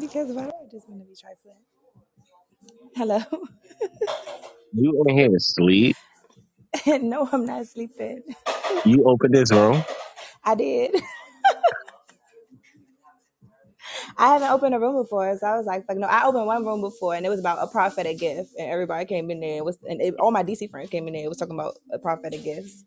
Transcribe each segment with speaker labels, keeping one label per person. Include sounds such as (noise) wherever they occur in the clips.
Speaker 1: Because why do I just want to be trifling? Hello. (laughs)
Speaker 2: You in here sleep.
Speaker 1: And no, I'm not sleeping.
Speaker 2: You open this room.
Speaker 1: I did. I haven't opened a room before, so I was like, fuck no. I opened one room before, and it was about a prophetic gift, and everybody came in there. And was and it, all my DC friends came in there. It was talking about a prophetic gifts.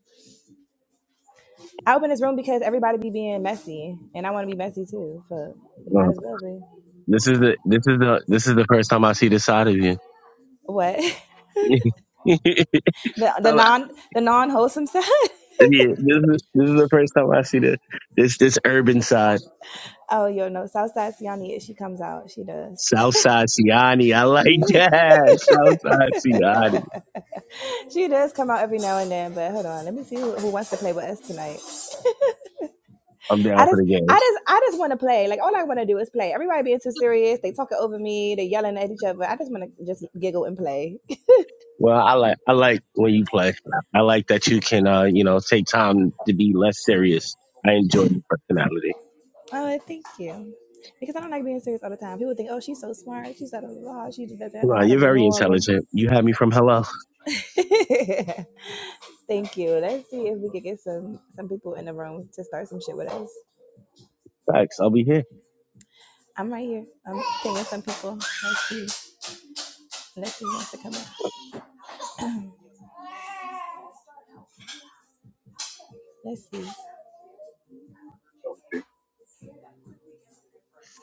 Speaker 1: I opened this room because everybody be being messy, and I want to be messy too. So might
Speaker 2: Uh,
Speaker 1: as well be.
Speaker 2: This is the this is the this is the first time I see this side of you.
Speaker 1: What? (laughs)
Speaker 2: (laughs)
Speaker 1: The the
Speaker 2: I'm-
Speaker 1: non the non wholesome side. (laughs)
Speaker 2: yeah, this is this is the first time I see the this this urban side.
Speaker 1: Oh, yo, no, Southside Siani, she comes out. She does. (laughs)
Speaker 2: South side Siani. I like
Speaker 1: Yeah.
Speaker 2: that. (laughs) South side
Speaker 1: (laughs)
Speaker 2: Siani.
Speaker 1: She does come out every now and then, but hold on, let me see who, who wants to play with us tonight.
Speaker 2: I'm
Speaker 1: I
Speaker 2: down for
Speaker 1: just,
Speaker 2: the game.
Speaker 1: I just, I just want to play. Like all I want to do is play. Everybody being too serious, they talking over me, they yelling at each other. I just want to just giggle and play. (laughs)
Speaker 2: Well, I like I like when you play. I like that you can uh, you know, take time to be less serious. I enjoy your personality.
Speaker 1: oh, thank you, because I don't like being serious all the time. People think, oh, she's so smart, she's out of law, she just doesn't know
Speaker 2: Wow,
Speaker 1: how to
Speaker 2: you're
Speaker 1: be
Speaker 2: very
Speaker 1: normal.
Speaker 2: intelligent. You had me from hello.
Speaker 1: (laughs) thank you. Let's see if we could get some some people in the room to start some shit with us.
Speaker 2: Facts. I'll be here.
Speaker 1: I'm right here. I'm pinging some people. Let's see. Let's see who wants to come in. Let's see.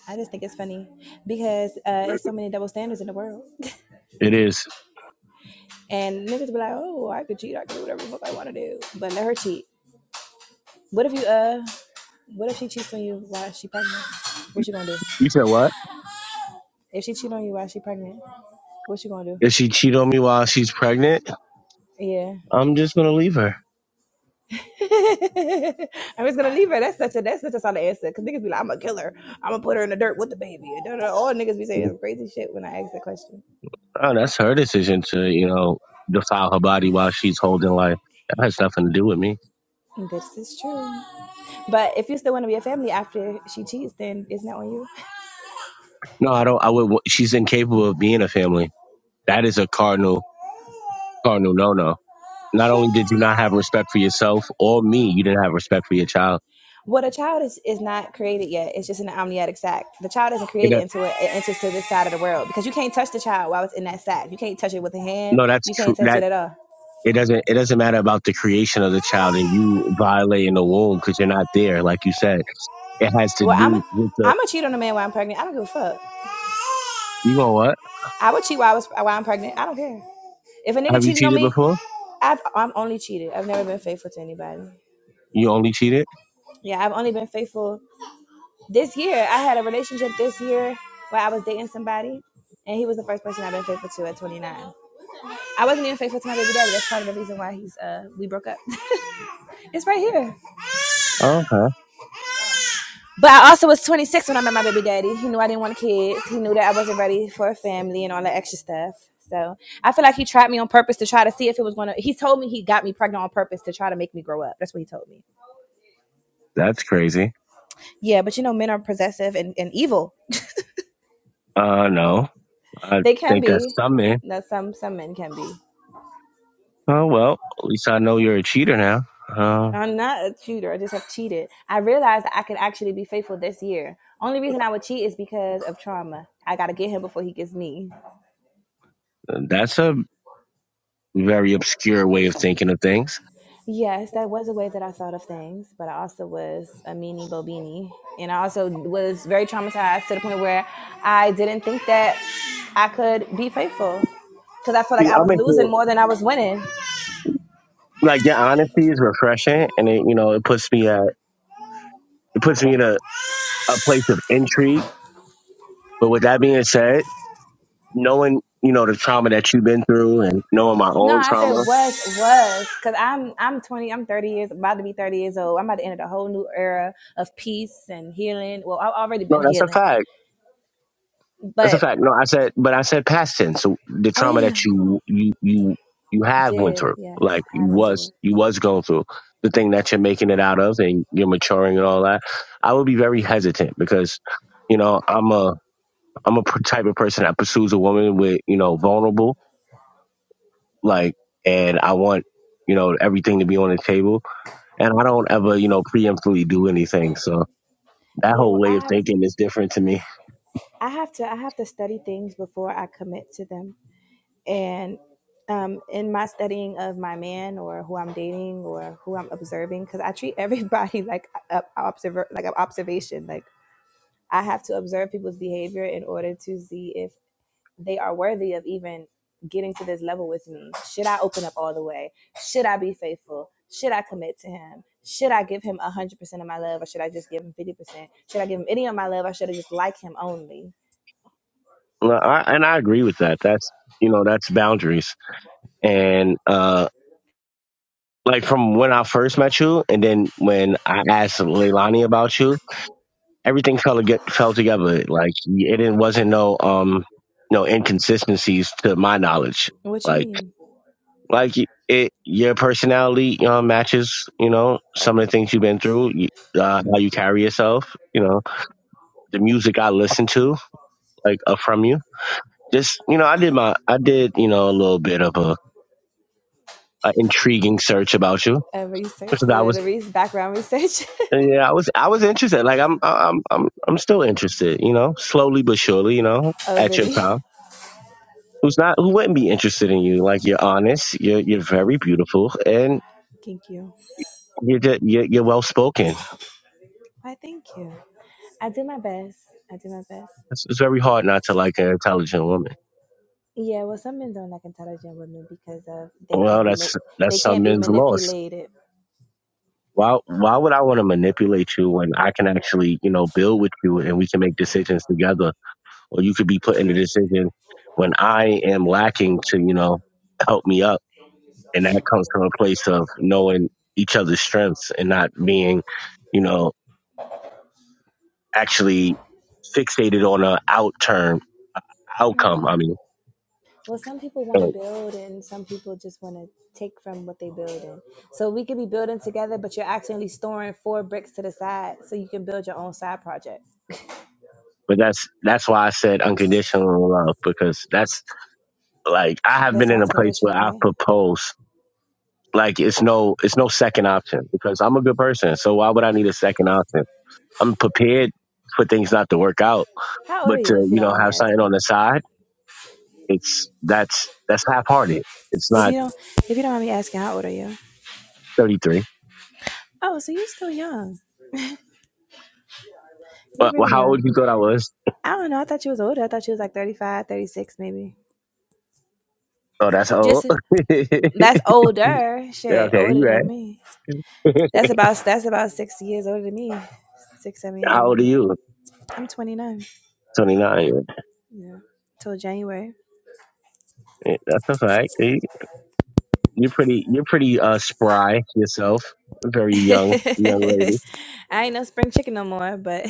Speaker 1: I just think it's funny because uh, it's so many double standards in the world,
Speaker 2: It is.
Speaker 1: (laughs) and niggas be like, "Oh, I could cheat, I could do whatever the fuck I want to do," but let her cheat. What if you uh, what if she cheats on you while she pregnant? What you gonna do?
Speaker 2: You said what?
Speaker 1: If she cheat on you while she pregnant, what you gonna do?
Speaker 2: If she cheat on me while she's pregnant,
Speaker 1: Yeah,
Speaker 2: I'm just gonna leave her.
Speaker 1: (laughs) I'm just gonna leave her. That's such a that's such a solid answer because niggas be like, "I'm gonna kill her, I'm gonna put her in the dirt with the baby." And da, da, All niggas be saying crazy shit when I ask that question.
Speaker 2: Oh, that's her decision to, you know, defile her body while she's holding life. That has nothing to do with me.
Speaker 1: This is true. But if you still want to be a family after she cheats, then it's not on you.
Speaker 2: No, I don't. I would. She's incapable of being a family. That is a cardinal, cardinal no no. Not only did you not have respect for yourself or me, you didn't have respect for your child.
Speaker 1: Well, a child is, is not created yet. It's just an amniotic sac. The child isn't
Speaker 2: It,
Speaker 1: created
Speaker 2: do
Speaker 1: into it. It enters to this side of the world because you can't touch the child while it's in that sac. You can't touch it with a hand.
Speaker 2: no, that's
Speaker 1: You
Speaker 2: true.
Speaker 1: can't touch
Speaker 2: That
Speaker 1: it at all.
Speaker 2: it doesn't. It doesn't matter about the creation of the child and you violating the womb because you're not there, like you said. It has to
Speaker 1: Well, I'm
Speaker 2: do
Speaker 1: a,
Speaker 2: with the.
Speaker 1: I'm a cheat on a man while I'm pregnant. I don't give a fuck.
Speaker 2: You know what?
Speaker 1: I would cheat while I was while I'm pregnant. I don't care. If a nigga
Speaker 2: Have you
Speaker 1: cheated on
Speaker 2: cheated
Speaker 1: me,
Speaker 2: before?
Speaker 1: I've I'm only cheated. I've never been faithful to anybody.
Speaker 2: You only cheated?
Speaker 1: Yeah, I've only been faithful this year. I had a relationship this year where I was dating somebody, and he was the first person I've been faithful to at 29. I wasn't even faithful to my baby daddy. That's part of the reason why he's uh we broke up. (laughs) it's right here.
Speaker 2: Oh, okay.
Speaker 1: But I also was 26 when I met my baby daddy. He knew I didn't want kids. He knew that I wasn't ready for a family and all that extra stuff. So I feel like he tried me on purpose to try to see if it was gonna. He told me he got me pregnant on purpose to try to make me grow up. That's what he told me.
Speaker 2: That's crazy.
Speaker 1: Yeah, but you know, men are possessive and, and evil.
Speaker 2: Uh, no. I
Speaker 1: They can
Speaker 2: think that's
Speaker 1: be.
Speaker 2: something.
Speaker 1: That some some men can be.
Speaker 2: Oh, well, at least I know you're a cheater now. Uh,
Speaker 1: I'm not a cheater. I just have cheated. I realized that I could actually be faithful this year. Only reason I would cheat is because of trauma. I got to get him before he gets me.
Speaker 2: that's a very obscure way of thinking of things.
Speaker 1: Yes, that was a way that I thought of things, but I also was a meanie bobini. And I also was very traumatized to the point where I didn't think that I could be faithful because I felt like
Speaker 2: See,
Speaker 1: I
Speaker 2: I'm
Speaker 1: was
Speaker 2: into,
Speaker 1: losing more than I was winning.
Speaker 2: like, your honesty is refreshing and it, you know, it puts me at, it puts me in a, a place of intrigue. But with that being said, knowing, you know, the trauma that you've been through and knowing my
Speaker 1: No,
Speaker 2: own
Speaker 1: I said
Speaker 2: trauma,
Speaker 1: was was because I'm I'm 20, I'm 30 years about to be 30 years old. I'm about to enter the whole new era of peace and healing. Well, I've already
Speaker 2: no,
Speaker 1: been
Speaker 2: that's a
Speaker 1: healing,
Speaker 2: fact. That's a
Speaker 1: but
Speaker 2: fact. No, I said, but I said past tense. So the
Speaker 1: oh yeah,
Speaker 2: trauma
Speaker 1: yeah.
Speaker 2: that you you you you have went
Speaker 1: did
Speaker 2: through,
Speaker 1: yes,
Speaker 2: like you
Speaker 1: have
Speaker 2: was
Speaker 1: endured.
Speaker 2: you was going through, the thing that you're making it out of, and you're maturing and all that. I would be very hesitant because, you know, I'm a I'm a p- type of person that pursues a woman with you know vulnerable, like, and I want you know everything to be on the table, and I don't ever you know preemptively do anything. So that
Speaker 1: Yeah,
Speaker 2: whole
Speaker 1: well,
Speaker 2: way
Speaker 1: I
Speaker 2: of
Speaker 1: have to,
Speaker 2: thinking is different to me.
Speaker 1: I have to, I have to study things before I commit to them. And um, in my studying of my man or who I'm dating or who I'm observing, because I treat everybody (laughs) like a, a observer, like an observation, like I have to observe people's behavior in order to see if they are worthy of even getting to this level with me. Should I open up all the way? Should I be faithful? Should I commit to him? Should I give him 100% of my love or should I just give him 50%? Should I give him any of my love? I should have just like him only.
Speaker 2: No, I, and I agree with that. That's you know that's boundaries. And uh, like from when I first met you, and then when I asked Leilani about you, everything fell to get, fell together. Like it didn't, wasn't no um no inconsistencies to my knowledge.
Speaker 1: What you
Speaker 2: Like
Speaker 1: mean?
Speaker 2: like it, your personality um, matches. You know some of the things you've been through. You, uh, how you carry yourself, you know, the music I listen to, like uh, from you. Just you know, I did my, I did you know a little bit of a an intriguing search about you
Speaker 1: A research,
Speaker 2: because I
Speaker 1: the
Speaker 2: was
Speaker 1: research, background research.
Speaker 2: yeah I was I was interested like I'm I'm I'm I'm still interested you know slowly but surely you know
Speaker 1: (laughs) oh,
Speaker 2: at your
Speaker 1: really?
Speaker 2: time who's not who wouldn't be interested in you like you're honest you're you're very beautiful and
Speaker 1: Thank you.
Speaker 2: you're just, you're, you're well spoken
Speaker 1: Why, thank you. I do my best. I do my best.
Speaker 2: it's, it's very hard not to like an intelligent woman
Speaker 1: Yeah, well, some men don't like intelligent women because of they
Speaker 2: well
Speaker 1: can't be ma-
Speaker 2: that's
Speaker 1: they
Speaker 2: that's some
Speaker 1: can't be
Speaker 2: men's loss
Speaker 1: manipulated.
Speaker 2: why why would I want to manipulate you when I can actually you know build with you and we can make decisions together or you could be put in a decision when I am lacking to, you know, help me up. And that comes from a place of knowing each other's strengths and not being, you know, actually fixated on a out term
Speaker 1: Oh
Speaker 2: outcome. I
Speaker 1: well.
Speaker 2: mean,
Speaker 1: Well, some people want
Speaker 2: uh,
Speaker 1: to build and some people just want to take from what they build in. So we could be building together, but you're actually storing four bricks to the side so you can build your own side project.
Speaker 2: but that's that's why I said unconditional love because that's like I have
Speaker 1: That
Speaker 2: been in a
Speaker 1: sounds
Speaker 2: place where
Speaker 1: conditional,
Speaker 2: I
Speaker 1: right?
Speaker 2: propose like it's no it's no second option because I'm a good person. So why would I need a second option? I'm prepared for things not to work out
Speaker 1: How old are
Speaker 2: but to
Speaker 1: you if you
Speaker 2: you
Speaker 1: don't
Speaker 2: know
Speaker 1: mind me
Speaker 2: have something on
Speaker 1: asking?
Speaker 2: the side, it's that's that's half hearted. It's
Speaker 1: If
Speaker 2: not
Speaker 1: you don't if you don't mind me asking, how old are you?
Speaker 2: thirty three.
Speaker 1: Oh, so you're still young. You're
Speaker 2: Well, well,
Speaker 1: really
Speaker 2: how old
Speaker 1: young.
Speaker 2: you thought I was?
Speaker 1: I don't know. I thought you was older. I thought you was like thirty-five, thirty-six, maybe.
Speaker 2: Oh, that's old.
Speaker 1: Just
Speaker 2: (laughs) yeah,
Speaker 1: that's older. Shit,
Speaker 2: okay, you
Speaker 1: older than
Speaker 2: right.
Speaker 1: me.
Speaker 2: (laughs)
Speaker 1: That's about that's about 6 years older than me. 6 7 years older
Speaker 2: How old are
Speaker 1: than me.
Speaker 2: you?
Speaker 1: I'm 29.
Speaker 2: Twenty nine.
Speaker 1: Yeah. Till January.
Speaker 2: That's a fact. You- You're pretty. You're pretty uh, spry yourself.
Speaker 1: (laughs)
Speaker 2: Very young, young
Speaker 1: I
Speaker 2: lady.
Speaker 1: ain't no spring chicken no more, but (laughs)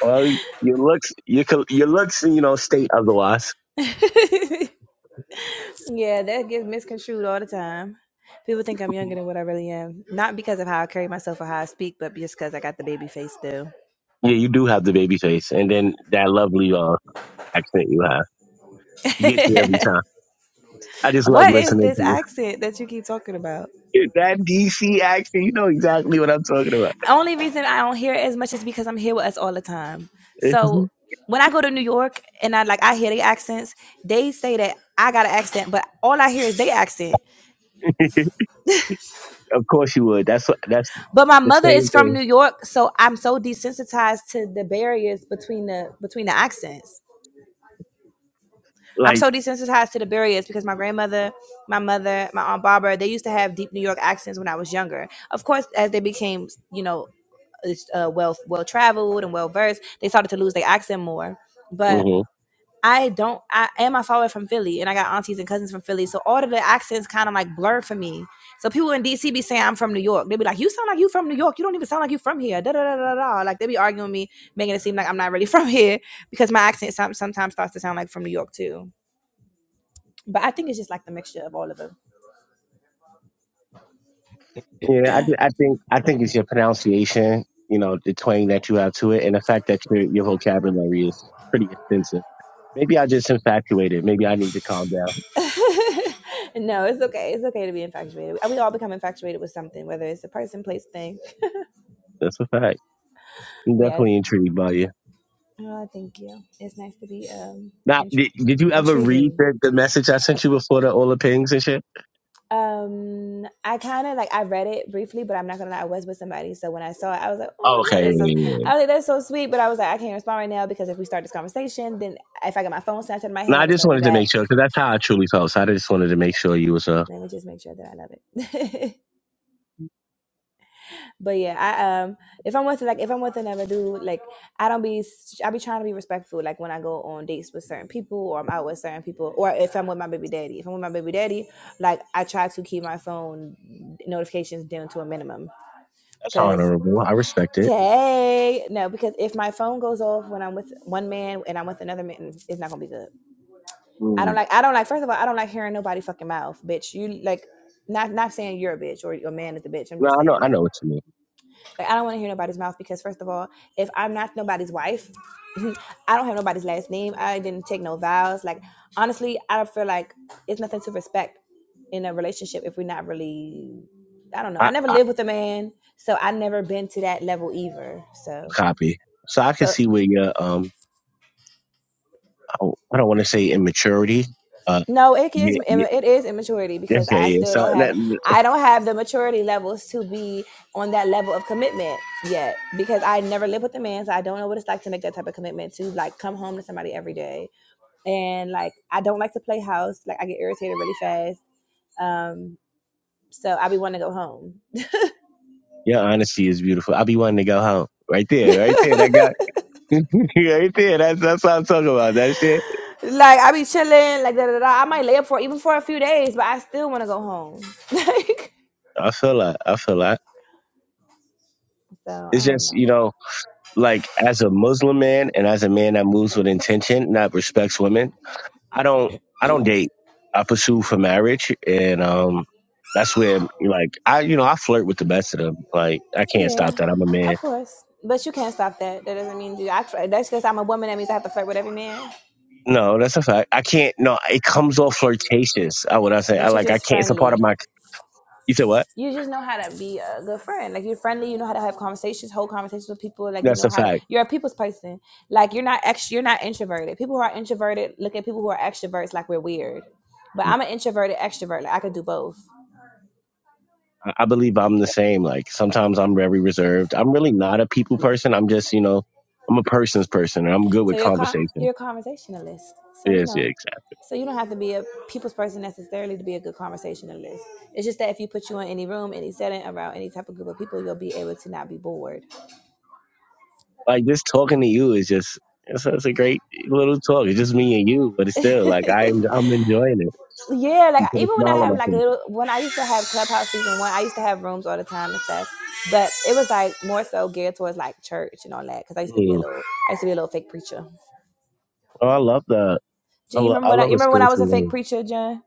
Speaker 2: Well, your looks, your col- your looks, you know, state otherwise.
Speaker 1: yeah, that gets misconstrued all the time. People think I'm younger
Speaker 2: Mhm.
Speaker 1: than what I really am. Not because of how I carry myself or how I speak, but just because I got the baby face still.
Speaker 2: Yeah, you do have the baby face, and then that lovely uh, accent you have.
Speaker 1: (laughs)
Speaker 2: You get me every time. I just love
Speaker 1: what is
Speaker 2: listening to
Speaker 1: this
Speaker 2: you.
Speaker 1: accent that you keep talking about?
Speaker 2: that DC accent, you know exactly what I'm talking about.
Speaker 1: Only reason I don't hear it as much is because I'm here with us all the time.
Speaker 2: (laughs)
Speaker 1: So when I go to New York and I like I hear the accents, they say that I got an accent, but all I hear is their accent.
Speaker 2: of course you would. That's what- that's
Speaker 1: But my
Speaker 2: the
Speaker 1: mother is
Speaker 2: same
Speaker 1: from New
Speaker 2: thing.
Speaker 1: York, so I'm so desensitized to the barriers between the between the accents. I'm
Speaker 2: Like,
Speaker 1: so desensitized to the barriers because my grandmother, my mother, my aunt Barbara, they used to have deep New York accents when I was younger. Of course, as they became, you know, uh, well well traveled and well versed, they started to lose their accent more. But
Speaker 2: hmm
Speaker 1: I don't. I am my father from Philly, and I got aunties and cousins from Philly, so all of the accents kind of like blur for me. So people in DC be saying I'm from New York. They be like, "You sound like you from New York. You don't even sound like you from here." Da da da da da. Like they be arguing with me, making it seem like I'm not really (laughs) from here because my accent some, sometimes starts to sound like from New York too. But I think it's just like the mixture of all of them.
Speaker 2: yeah, I, thi- I think I think it's your pronunciation, you know, the twang that you have to it, and the fact that your your vocabulary is pretty extensive. Maybe I just infatuated. Maybe I need to calm down.
Speaker 1: (laughs) no, it's okay. It's okay to be infatuated. We all become infatuated with something, whether it's a person, place, thing.
Speaker 2: That's a fact. I'm
Speaker 1: Yes.
Speaker 2: definitely intrigued by you.
Speaker 1: Oh, thank you. It's nice to be um
Speaker 2: Now,
Speaker 1: intri-
Speaker 2: did, did you ever read
Speaker 1: intriguing.
Speaker 2: the, the message I sent you before the all the pings and shit?
Speaker 1: um i kind of like i read it briefly but i'm not gonna lie i was with somebody so when i saw it i was like oh my god that's so
Speaker 2: Okay,
Speaker 1: i was like that's so sweet but i was like i can't respond right now because if we start this conversation then if i get my phone snatched out of my
Speaker 2: No, I
Speaker 1: hand it's
Speaker 2: just
Speaker 1: gonna be
Speaker 2: wanted to
Speaker 1: bad
Speaker 2: make sure because that's how I truly felt. So I just wanted to make sure you was a
Speaker 1: let me just make sure that i love it (laughs) but yeah i um if i'm with like if i'm with another dude like i don't be I be trying to be respectful like when i go on dates with certain people or i'm out with certain people or if i'm with my baby daddy if i'm with my baby daddy like i try to keep my phone notifications down to a minimum
Speaker 2: that's
Speaker 1: because
Speaker 2: honorable. I respect it.
Speaker 1: Tay. No, because if my phone goes off when I'm with one man and I'm with another man, it's not gonna be good. I don't
Speaker 2: Mm.
Speaker 1: like I don't like first of all, I don't like hearing nobody fucking mouth, bitch. You like not not saying you're a bitch or your man is a bitch. I'm
Speaker 2: No,
Speaker 1: just
Speaker 2: I know,
Speaker 1: saying
Speaker 2: I
Speaker 1: like
Speaker 2: know what you mean.
Speaker 1: like I don't wanna hear nobody's mouth because first of all, if I'm not nobody's wife, (laughs) I don't have nobody's last name. I didn't take no vows. Like honestly, I feel like it's nothing to respect in a relationship if we're not really I don't know. I
Speaker 2: I,
Speaker 1: never
Speaker 2: I
Speaker 1: lived with a man, so I never been to that level either. So
Speaker 2: copy. So I can
Speaker 1: so
Speaker 2: see where your um, I, I don't want to say immaturity. Uh,
Speaker 1: no, it
Speaker 2: yeah,
Speaker 1: is
Speaker 2: yeah,
Speaker 1: it is immaturity
Speaker 2: yeah,
Speaker 1: because
Speaker 2: yeah.
Speaker 1: I
Speaker 2: yeah.
Speaker 1: still
Speaker 2: So
Speaker 1: don't
Speaker 2: that
Speaker 1: have I don't have the maturity levels to be on that level of commitment yet because I never lived with a man, so I don't know what it's like to make that type of commitment to like come home to somebody every day and like I don't like to play house. Like I get irritated really fast. Um, so I be wanting to go home. (laughs)
Speaker 2: your honesty is beautiful. I'll be wanting to go home. Right there, right there. That guy, (laughs) right there. That's that's what I'm talking about. That shit.
Speaker 1: like I be chilling, like da da da. I might lay up for even for a few days, but I still want to go home. (laughs) like
Speaker 2: I feel that. I feel that.
Speaker 1: so, I
Speaker 2: It's
Speaker 1: don't
Speaker 2: just
Speaker 1: know.
Speaker 2: you know, like as a Muslim man and as a man that moves with intention, not respects women. I don't I don't date. I pursue for marriage and um that's where like I you know, I flirt with the best of them. Like I can't
Speaker 1: Yeah,
Speaker 2: stop that. I'm a
Speaker 1: of
Speaker 2: man.
Speaker 1: course. But you can't stop that. That doesn't mean you. I, that's because I'm a woman. That means I have to flirt with every man.
Speaker 2: No, that's a fact. I can't no, it comes off flirtatious. I would I say I
Speaker 1: But you're
Speaker 2: like I
Speaker 1: just
Speaker 2: can't it's a part of
Speaker 1: friendly.
Speaker 2: my you said what?
Speaker 1: You just know how to be a good friend. Like you're friendly. You know how to have conversations, hold conversations with people. Like you
Speaker 2: That's
Speaker 1: know
Speaker 2: a
Speaker 1: how to.
Speaker 2: fact.
Speaker 1: You're a people's person. Like you're not ex. You're not introverted. People who are introverted look at people who are extroverts like we're weird. But
Speaker 2: Mm.
Speaker 1: I'm an introverted extrovert. Like I could do both.
Speaker 2: I I believe I'm the same. Like sometimes I'm very reserved. I'm really not a people person. I'm just, you know, I'm a person's person and I'm good
Speaker 1: So
Speaker 2: with
Speaker 1: you're co-
Speaker 2: conversation.
Speaker 1: you're a conversationalist. So you
Speaker 2: Yes,
Speaker 1: know,
Speaker 2: yeah,
Speaker 1: so you don't have to be a people's person necessarily to be a good conversationalist. It's just that if you put you in any room, any setting, around any type of group of people, you'll be able to not be bored.
Speaker 2: Like just talking to you is just it's, it's a great little talk. It's just me and you, but it's still like I'm I'm enjoying it.
Speaker 1: Yeah, like
Speaker 2: You put a
Speaker 1: even when I
Speaker 2: smile on
Speaker 1: have
Speaker 2: my
Speaker 1: like
Speaker 2: face.
Speaker 1: little, when I used to have Clubhouse season one, I used to have rooms all the time and stuff. But it was like more so geared towards like church and all that because I used to be a
Speaker 2: Mm.
Speaker 1: little, I used to be a little fake preacher.
Speaker 2: Oh, I love that. I,
Speaker 1: Jen, you
Speaker 2: lo-
Speaker 1: remember
Speaker 2: I
Speaker 1: when I,
Speaker 2: love
Speaker 1: you
Speaker 2: a
Speaker 1: remember when I was
Speaker 2: spiritual
Speaker 1: a fake
Speaker 2: room.
Speaker 1: preacher, Jen?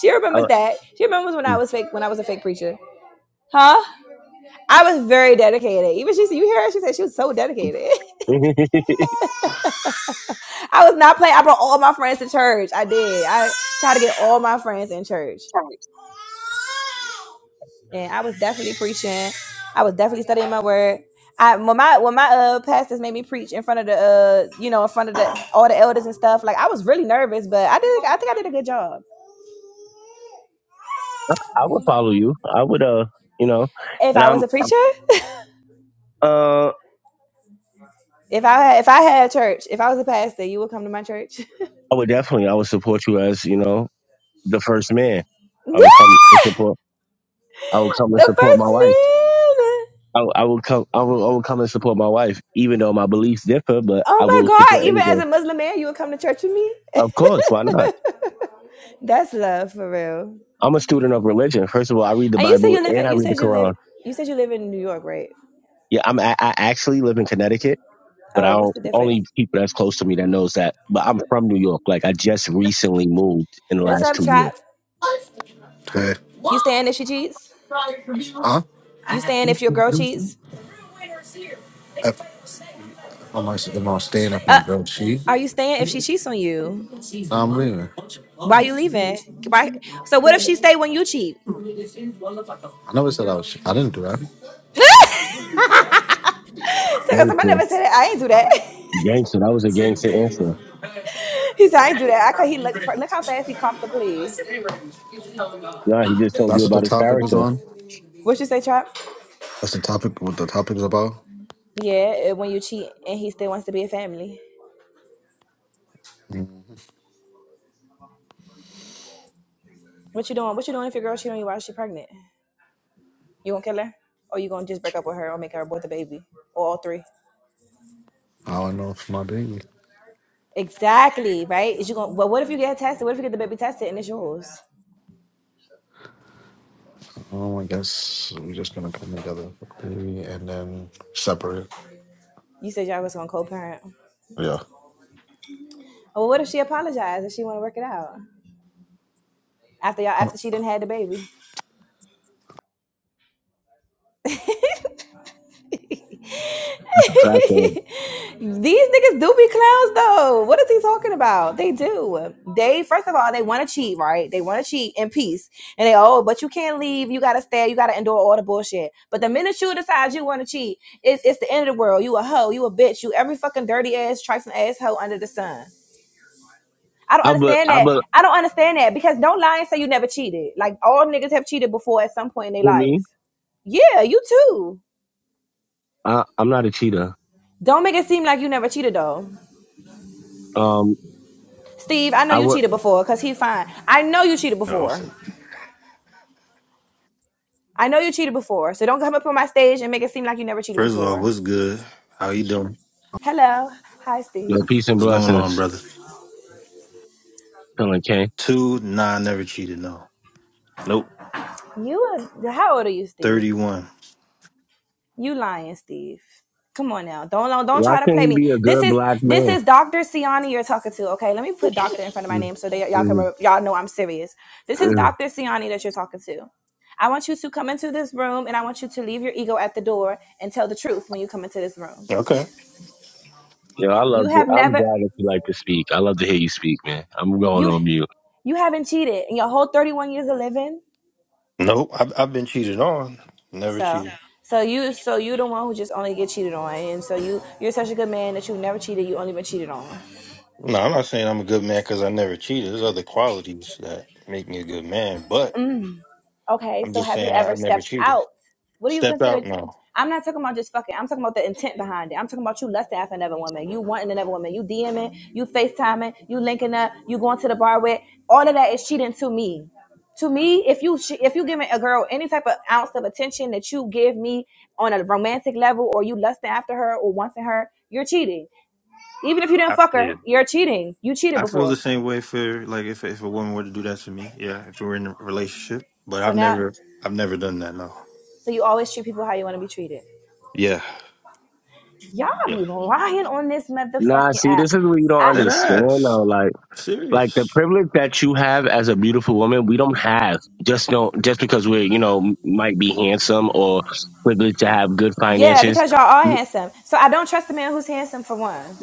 Speaker 1: She
Speaker 2: I,
Speaker 1: remembers that. She remembers when I was fake when I was a fake preacher, huh? I was very dedicated. Even she said, you hear her? She said she was so dedicated.
Speaker 2: lo-
Speaker 1: (laughs) I was not playing. I brought all my friends to church. I did. I tried to get all my friends in church. And I was definitely preaching. I was definitely studying my word. I when my when my uh pastors made me preach in front of the uh you know in front of the all the elders and stuff, like I was really nervous, but I did I think I did a good job.
Speaker 2: (laughs) I would follow you. I would uh you know,
Speaker 1: If
Speaker 2: and
Speaker 1: I was
Speaker 2: I'm
Speaker 1: a preacher, (laughs)
Speaker 2: uh
Speaker 1: if I had if I had a church, if I was a pastor, you would come to my church. (laughs)
Speaker 2: I would definitely I would support you as you know the first man.
Speaker 1: the
Speaker 2: I would come and support. I would come and support my
Speaker 1: first
Speaker 2: wife.
Speaker 1: man.
Speaker 2: I, I will come. I will, I will come and support my wife, even though my beliefs differ. But I
Speaker 1: Oh my
Speaker 2: will
Speaker 1: God,
Speaker 2: support
Speaker 1: even as
Speaker 2: anything.
Speaker 1: a Muslim man, you would come to church with me?
Speaker 2: Of course, why not?
Speaker 1: (laughs) That's love for real.
Speaker 2: I'm a student of religion. First of all, I read the
Speaker 1: And you say
Speaker 2: Bible
Speaker 1: you live
Speaker 2: and I
Speaker 1: in you
Speaker 2: read the
Speaker 1: said you live
Speaker 2: Quran.
Speaker 1: you said you live in New York, right?
Speaker 2: Yeah, I'm. I, I actually live in Connecticut, but I
Speaker 1: Oh, what's
Speaker 2: don't,
Speaker 1: the difference?
Speaker 2: only people that's close to me that knows that. But I'm from New York. Like I just recently moved in the
Speaker 1: What's
Speaker 2: last
Speaker 1: up,
Speaker 2: two years.
Speaker 1: Trap?
Speaker 3: Good.
Speaker 1: You staying if she cheats?
Speaker 3: Huh?
Speaker 1: You staying if your girl cheats?
Speaker 3: If I'm, actually- if I'm staying if my
Speaker 1: Uh,
Speaker 3: girl cheat,
Speaker 1: are you staying if she cheats on you?
Speaker 3: nah, I'm leaving.
Speaker 1: Why you leaving? Why? So what if she stay when you cheat?
Speaker 3: I never said I was. che- I didn't do that.
Speaker 1: (laughs) so 'cause I
Speaker 2: Gangster,
Speaker 1: never said that. I ain't do that.
Speaker 2: gangster. That was a gangster answer.
Speaker 1: (laughs) he said I ain't do that. I call he look for, look how fast he copped the plea.
Speaker 2: Nah, he just told you
Speaker 3: That's what the
Speaker 2: about his
Speaker 3: topic was
Speaker 2: character.
Speaker 3: on.
Speaker 1: What you say, Trap?
Speaker 3: That's the topic. What the topic is about.
Speaker 1: Yeah, eh, when you cheat and he still wants to be a family. What you doing? What you doing if your girl cheat on you while she pregnant? You gonna kill her? Or you gonna just break up with her or make her abort the baby? Or all three?
Speaker 3: How I know it's my baby.
Speaker 1: Exactly, right? Is you gonna but what if you get tested? What if you get the baby tested and it's yours?
Speaker 3: Um, I guess we're just gonna come together, for baby, and then separate.
Speaker 1: You said y'all was gonna co parent.
Speaker 3: Yeah.
Speaker 1: Well what if she apologized and she wanna work it out? After y'all after she didn't had the baby. (laughs)
Speaker 2: Tracker.
Speaker 1: These niggas do be clowns though. What is he talking about? They do. They first of all, they want to cheat, right? They want to cheat in peace. And they, oh, but you can't leave. You gotta stay. You gotta endure all the bullshit. But the minute you decide you want to cheat, it's it's the end of the world. You a hoe. You a bitch. You every fucking dirty ass, trifling ass hoe under the sun. I don't
Speaker 2: I but
Speaker 1: understand
Speaker 2: I
Speaker 1: that.
Speaker 2: but
Speaker 1: I don't understand that because don't lie and say you never cheated. Like all niggas have cheated before at some point in their
Speaker 2: who me?
Speaker 1: life. Yeah, you too.
Speaker 2: I, I'm not a cheater.
Speaker 1: Don't make it seem like you never cheated though.
Speaker 2: Um,
Speaker 1: Steve, I know
Speaker 2: I
Speaker 1: you
Speaker 2: work.
Speaker 1: cheated before because he's fine. I know you cheated
Speaker 4: Oh,
Speaker 1: before.
Speaker 4: first
Speaker 1: I know you cheated before. So don't come up on my stage and make it seem like you never cheated
Speaker 4: of all,
Speaker 1: before.
Speaker 4: what's good? How you doing?
Speaker 1: Hello. Hi,
Speaker 2: You
Speaker 1: Steve.
Speaker 2: know, peace and
Speaker 4: What's going on,
Speaker 2: blessings,
Speaker 4: brother?
Speaker 2: Colin K.
Speaker 4: Two, nah, I never cheated. No, nope.
Speaker 1: You are, how old are you, Steve?
Speaker 4: Thirty-one.
Speaker 1: You lying, Steve. Come on now. Don't don't don't
Speaker 2: Why
Speaker 1: try to
Speaker 2: can't
Speaker 1: play
Speaker 2: he
Speaker 1: me.
Speaker 2: be a
Speaker 1: This
Speaker 2: good
Speaker 1: is
Speaker 2: black
Speaker 1: this
Speaker 2: man?
Speaker 1: is Dr. Siani you're talking to. Okay, let me put doctor in front of my
Speaker 2: Mm,
Speaker 1: name so that y'all can
Speaker 2: mm,
Speaker 1: re- y'all know I'm serious. This is
Speaker 2: mm.
Speaker 1: Dr. Siani that you're talking to. I want you to come into this room and I want you to leave your ego at the door and tell the truth when you come into this room.
Speaker 4: Okay.
Speaker 2: Yo, I love
Speaker 1: You
Speaker 2: it.
Speaker 1: have
Speaker 2: I'm
Speaker 1: never
Speaker 2: glad that you like to speak. I love to hear you speak, man. I'm going
Speaker 1: you
Speaker 2: on mute.
Speaker 1: you haven't cheated in your whole 31 years of living
Speaker 4: Nope. I've, I've been cheated on. Never
Speaker 1: so
Speaker 4: cheated.
Speaker 1: so you so you the one who just only get cheated on and so you you're such a good man that you never cheated you only been cheated on
Speaker 4: No, Nah, I'm not saying I'm a good man because I never cheated. There's other qualities that make me a good man, but
Speaker 1: Okay,
Speaker 4: I'm
Speaker 1: so
Speaker 4: just
Speaker 1: have
Speaker 4: saying
Speaker 1: you
Speaker 4: I, I
Speaker 1: ever
Speaker 4: never
Speaker 1: stepped
Speaker 4: cheated.
Speaker 1: out? What do you
Speaker 4: Stepped
Speaker 1: consider?
Speaker 4: out,
Speaker 1: T-
Speaker 4: no.
Speaker 1: I'm not talking about just fucking. I'm talking about the intent behind it. I'm talking about you lusting after another woman. You wanting another woman. You DMing. You FaceTiming. You linking up. You going to the bar with. All of that is cheating to me. To me, if you if you giving a girl any type of ounce of attention that you give me on a romantic level, or you lusting after her or wanting her, you're cheating. Even if you didn't
Speaker 4: I,
Speaker 1: fuck her,
Speaker 4: yeah.
Speaker 1: you're cheating. You cheated
Speaker 4: I feel the
Speaker 1: before.
Speaker 4: same way for like if if a woman were to do that to me, yeah, if we were in a relationship, but
Speaker 1: So
Speaker 4: I've
Speaker 1: now,
Speaker 4: never I've never done that, no.
Speaker 1: so you always treat people how you want to be treated.
Speaker 4: Yeah.
Speaker 1: y'all
Speaker 4: Yeah.
Speaker 1: be lying on this
Speaker 2: Nah,
Speaker 1: motherfucking
Speaker 2: see,
Speaker 1: app.
Speaker 2: this is what you don't
Speaker 1: I,
Speaker 4: That
Speaker 2: understand
Speaker 4: ass.
Speaker 2: though. Like like the
Speaker 4: Serious. (laughs)
Speaker 2: privilege that you have as a beautiful woman, we don't have. Just know just because we're, you know, m- might be handsome or privileged to have good
Speaker 1: yeah,
Speaker 2: finances.
Speaker 1: because y'all are handsome. So I don't trust a man who's handsome for one.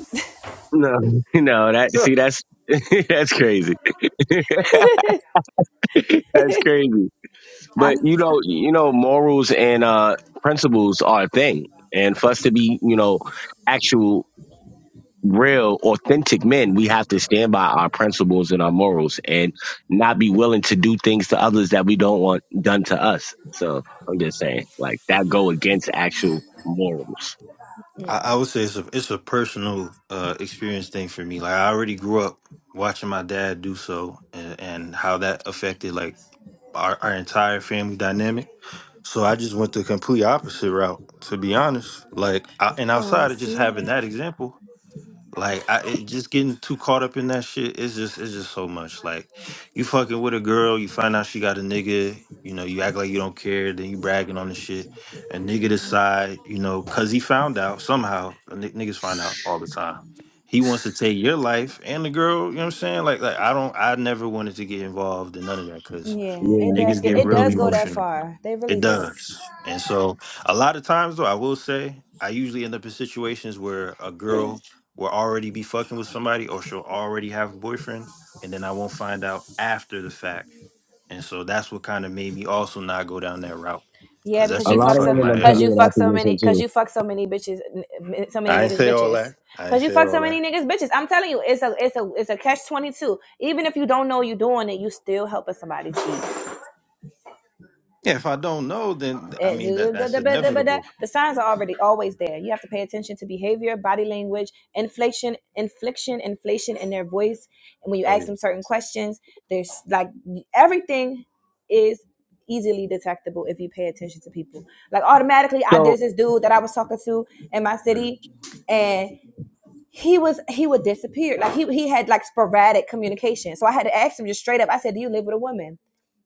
Speaker 2: No, (laughs) no, that
Speaker 4: Yeah.
Speaker 2: see that's (laughs) that's crazy. (laughs)
Speaker 1: (laughs)
Speaker 2: that's crazy. But
Speaker 1: I'm
Speaker 2: you
Speaker 1: so,
Speaker 2: know, you know, morals and uh principles are a thing. And for us to be, you know, actual real authentic men we have to stand by our principles and our morals and not be willing to do things to others that we don't want done to us so i'm just saying like that go against actual morals
Speaker 4: I, I would say it's a it's a personal uh, experience thing for me. Like I already grew up watching my dad do so, and, and how that affected like our, our entire family dynamic. So I just went the complete opposite route, to be honest. Like, I, and
Speaker 1: oh
Speaker 4: outside of just
Speaker 1: see.
Speaker 4: having that example, Like I it, just getting too caught up in that shit. It's just it's just so much. Like you fucking with a girl, you find out she got a nigga. You know, you act like you don't care, then you bragging on the shit. A nigga decide, you know, cause he found out somehow. a ni- Niggas find out all the time. He wants to take your life and the girl. You know what I'm saying? Like, like I don't. I never wanted to get involved in none of that because
Speaker 1: Yeah,
Speaker 2: yeah
Speaker 1: it does
Speaker 4: niggas
Speaker 2: I-
Speaker 1: get
Speaker 4: get
Speaker 2: I
Speaker 1: it
Speaker 2: feel
Speaker 4: real
Speaker 1: does go
Speaker 2: you.
Speaker 1: that
Speaker 4: emotional.
Speaker 1: far. They really
Speaker 4: It
Speaker 1: do.
Speaker 4: does. And so a lot of times though, I will say I usually end up in situations where a girl will already be fucking with somebody or she'll already have a boyfriend and then I won't find out after the fact. And so that's what kind of made me also not go down that route.
Speaker 1: Yeah,
Speaker 4: Cause that
Speaker 1: because
Speaker 2: a
Speaker 1: you
Speaker 4: shit be
Speaker 2: lot
Speaker 1: fuck
Speaker 2: of
Speaker 1: so
Speaker 4: fucking
Speaker 2: women
Speaker 4: my
Speaker 2: have
Speaker 4: head
Speaker 2: put
Speaker 1: cause
Speaker 4: up.
Speaker 2: me
Speaker 1: you
Speaker 2: in that
Speaker 1: fuck so
Speaker 2: position
Speaker 1: many cause
Speaker 2: too
Speaker 1: you fuck so many bitches n- so many
Speaker 4: I ain't
Speaker 1: niggas
Speaker 4: say all
Speaker 1: bitches.
Speaker 4: that. I ain't
Speaker 1: Cause you
Speaker 4: say
Speaker 1: fuck
Speaker 4: all
Speaker 1: so
Speaker 4: that.
Speaker 1: many niggas bitches. I'm telling you, it's a it's a it's a catch twenty two. Even if you don't know you are doing it, you still helping somebody cheat.
Speaker 4: Yeah, if I don't know, then I
Speaker 1: Eh,
Speaker 4: mean that
Speaker 1: da- da-
Speaker 4: that's
Speaker 1: da- da- da- da- da.
Speaker 4: inevitable.
Speaker 1: The signs are already always there. You have to pay attention to behavior, body language, inflation, infliction, inflation in their voice. And when you
Speaker 4: Oh
Speaker 1: ask
Speaker 4: yeah.
Speaker 1: them certain questions, there's like everything is easily detectable if you pay attention to people. Like automatically, I
Speaker 2: so
Speaker 1: there's this dude that I was talking to in my
Speaker 4: Mhm.
Speaker 1: city, and he was he would disappear. Like he he had like sporadic communication. So I had to ask him just straight up. I said, "Do you live with a woman?"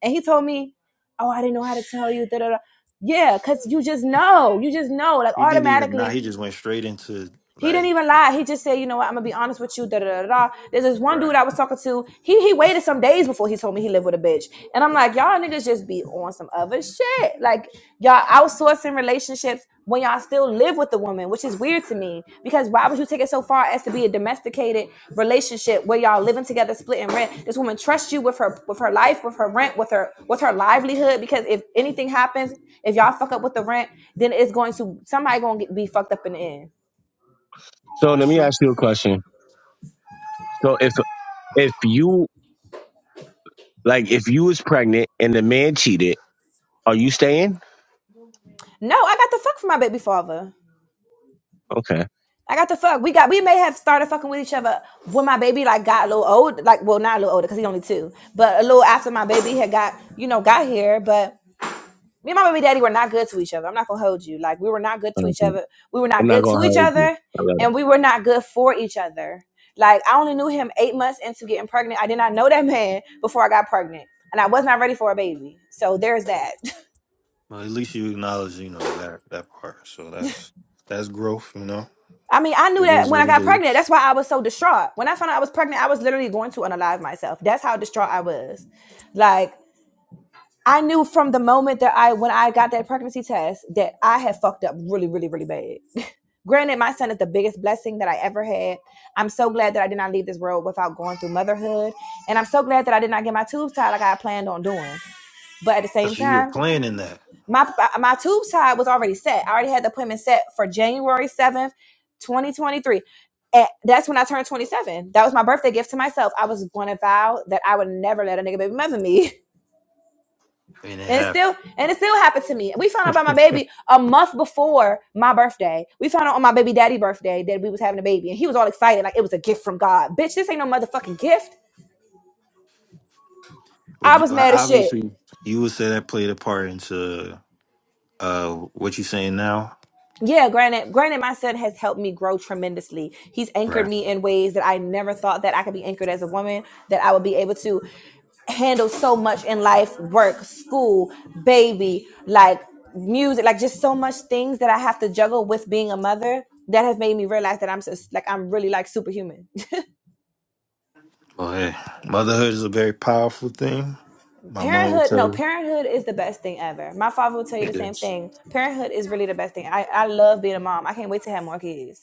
Speaker 1: And he told me, "Oh, I didn't know how to tell you." Da da da. Yeah, cause you just know, you just know, like
Speaker 4: He didn't even nah,
Speaker 1: automatically.
Speaker 4: he just went straight into
Speaker 1: He didn't
Speaker 4: like
Speaker 1: even lie. He just said, you know what, I'm gonna be honest with you. Da da da da. There's this one dude
Speaker 4: right.
Speaker 1: I was talking to. He he waited some days before he told me he lived with a bitch. And I'm like, y'all niggas just be on some other shit. Like y'all outsourcing relationships when y'all still live with the woman, which is weird to me. Because why would you take it so far as to be a domesticated relationship where y'all living together, splitting rent? This woman trusts you with her with her life, with her rent, with her with her livelihood. Because if anything happens, if y'all fuck up with the rent, then it's going to somebody gonna get, be fucked up in the end.
Speaker 2: so let
Speaker 4: That's
Speaker 2: me
Speaker 4: true.
Speaker 2: ask you a question so if if you like if you was pregnant and the man cheated are you staying
Speaker 1: No, I got the fuck from my baby father.
Speaker 2: okay
Speaker 1: I got the fuck. We got we may have started fucking with each other when my baby like got a little old, like well not a little older because he's only two, but a little after my baby had got you know got here. But me and my baby daddy were not good to each other. I'm not gonna hold you. Like we were not good to each
Speaker 2: Okay.
Speaker 1: other. We were
Speaker 2: i'm
Speaker 1: not
Speaker 2: not
Speaker 1: good
Speaker 2: gonna
Speaker 1: to each
Speaker 2: hurt
Speaker 1: other,
Speaker 2: you
Speaker 1: and we were not good for each other. Like I only knew him eight months into getting pregnant. I did not know that man before I got pregnant, and I was not ready for a baby. So there's that. (laughs)
Speaker 4: Well, at least you acknowledge, you know, that that part. So that's that's growth, you know.
Speaker 1: I mean, I knew
Speaker 4: It
Speaker 1: that
Speaker 4: is
Speaker 1: when I
Speaker 4: what it
Speaker 1: got pregnant.
Speaker 4: is.
Speaker 1: That's why I was so distraught. When I found out I was pregnant, I was literally going to unalive myself. That's how distraught I was. Like, I knew from the moment that I, when I got that pregnancy test, that I had fucked up really, really, really bad. (laughs) Granted, my son is the biggest blessing that I ever had. I'm so glad that I did not leave this world without going through motherhood. And I'm so glad that I did not get my tubes tied like I planned on doing. But at the
Speaker 4: But
Speaker 1: same
Speaker 4: so you were
Speaker 1: time,
Speaker 4: planning that,
Speaker 1: my my tube tie was already set. I already had the appointment set for January seventh, twenty twenty three. And that's when I turned 27. That was my birthday gift to myself. I was going to vow that I would never let a nigga baby mother me. (laughs)
Speaker 4: and it
Speaker 1: And it
Speaker 4: happened.
Speaker 1: still and it still happened to me. We found out about my baby a month before my birthday. We found out on my baby daddy birthday that we was having a baby. And he was all excited, like it was a gift from God. Bitch, this ain't no motherfucking gift. I
Speaker 4: Would you,
Speaker 1: was
Speaker 4: well,
Speaker 1: mad as shit.
Speaker 4: obviously, you would say that played a part into uh what you're saying now,
Speaker 1: yeah, granted, granted, my son has helped me grow tremendously. He's anchored
Speaker 4: right?
Speaker 1: me in ways that I never thought that I could be anchored as a woman, that I would be able to handle so much in life work school baby like music like just so much things that i have to juggle with being a mother that has made me realize that i'm just like i'm really like superhuman
Speaker 4: Well, hey, motherhood is a very powerful thing.
Speaker 1: (laughs)
Speaker 4: My mom would
Speaker 1: parenthood
Speaker 4: tell
Speaker 1: no
Speaker 4: you
Speaker 1: parenthood is the best thing ever my father will tell you the
Speaker 4: it
Speaker 1: same
Speaker 4: is.
Speaker 1: thing parenthood is really the best thing i, I love being a mom i can't wait to have more kids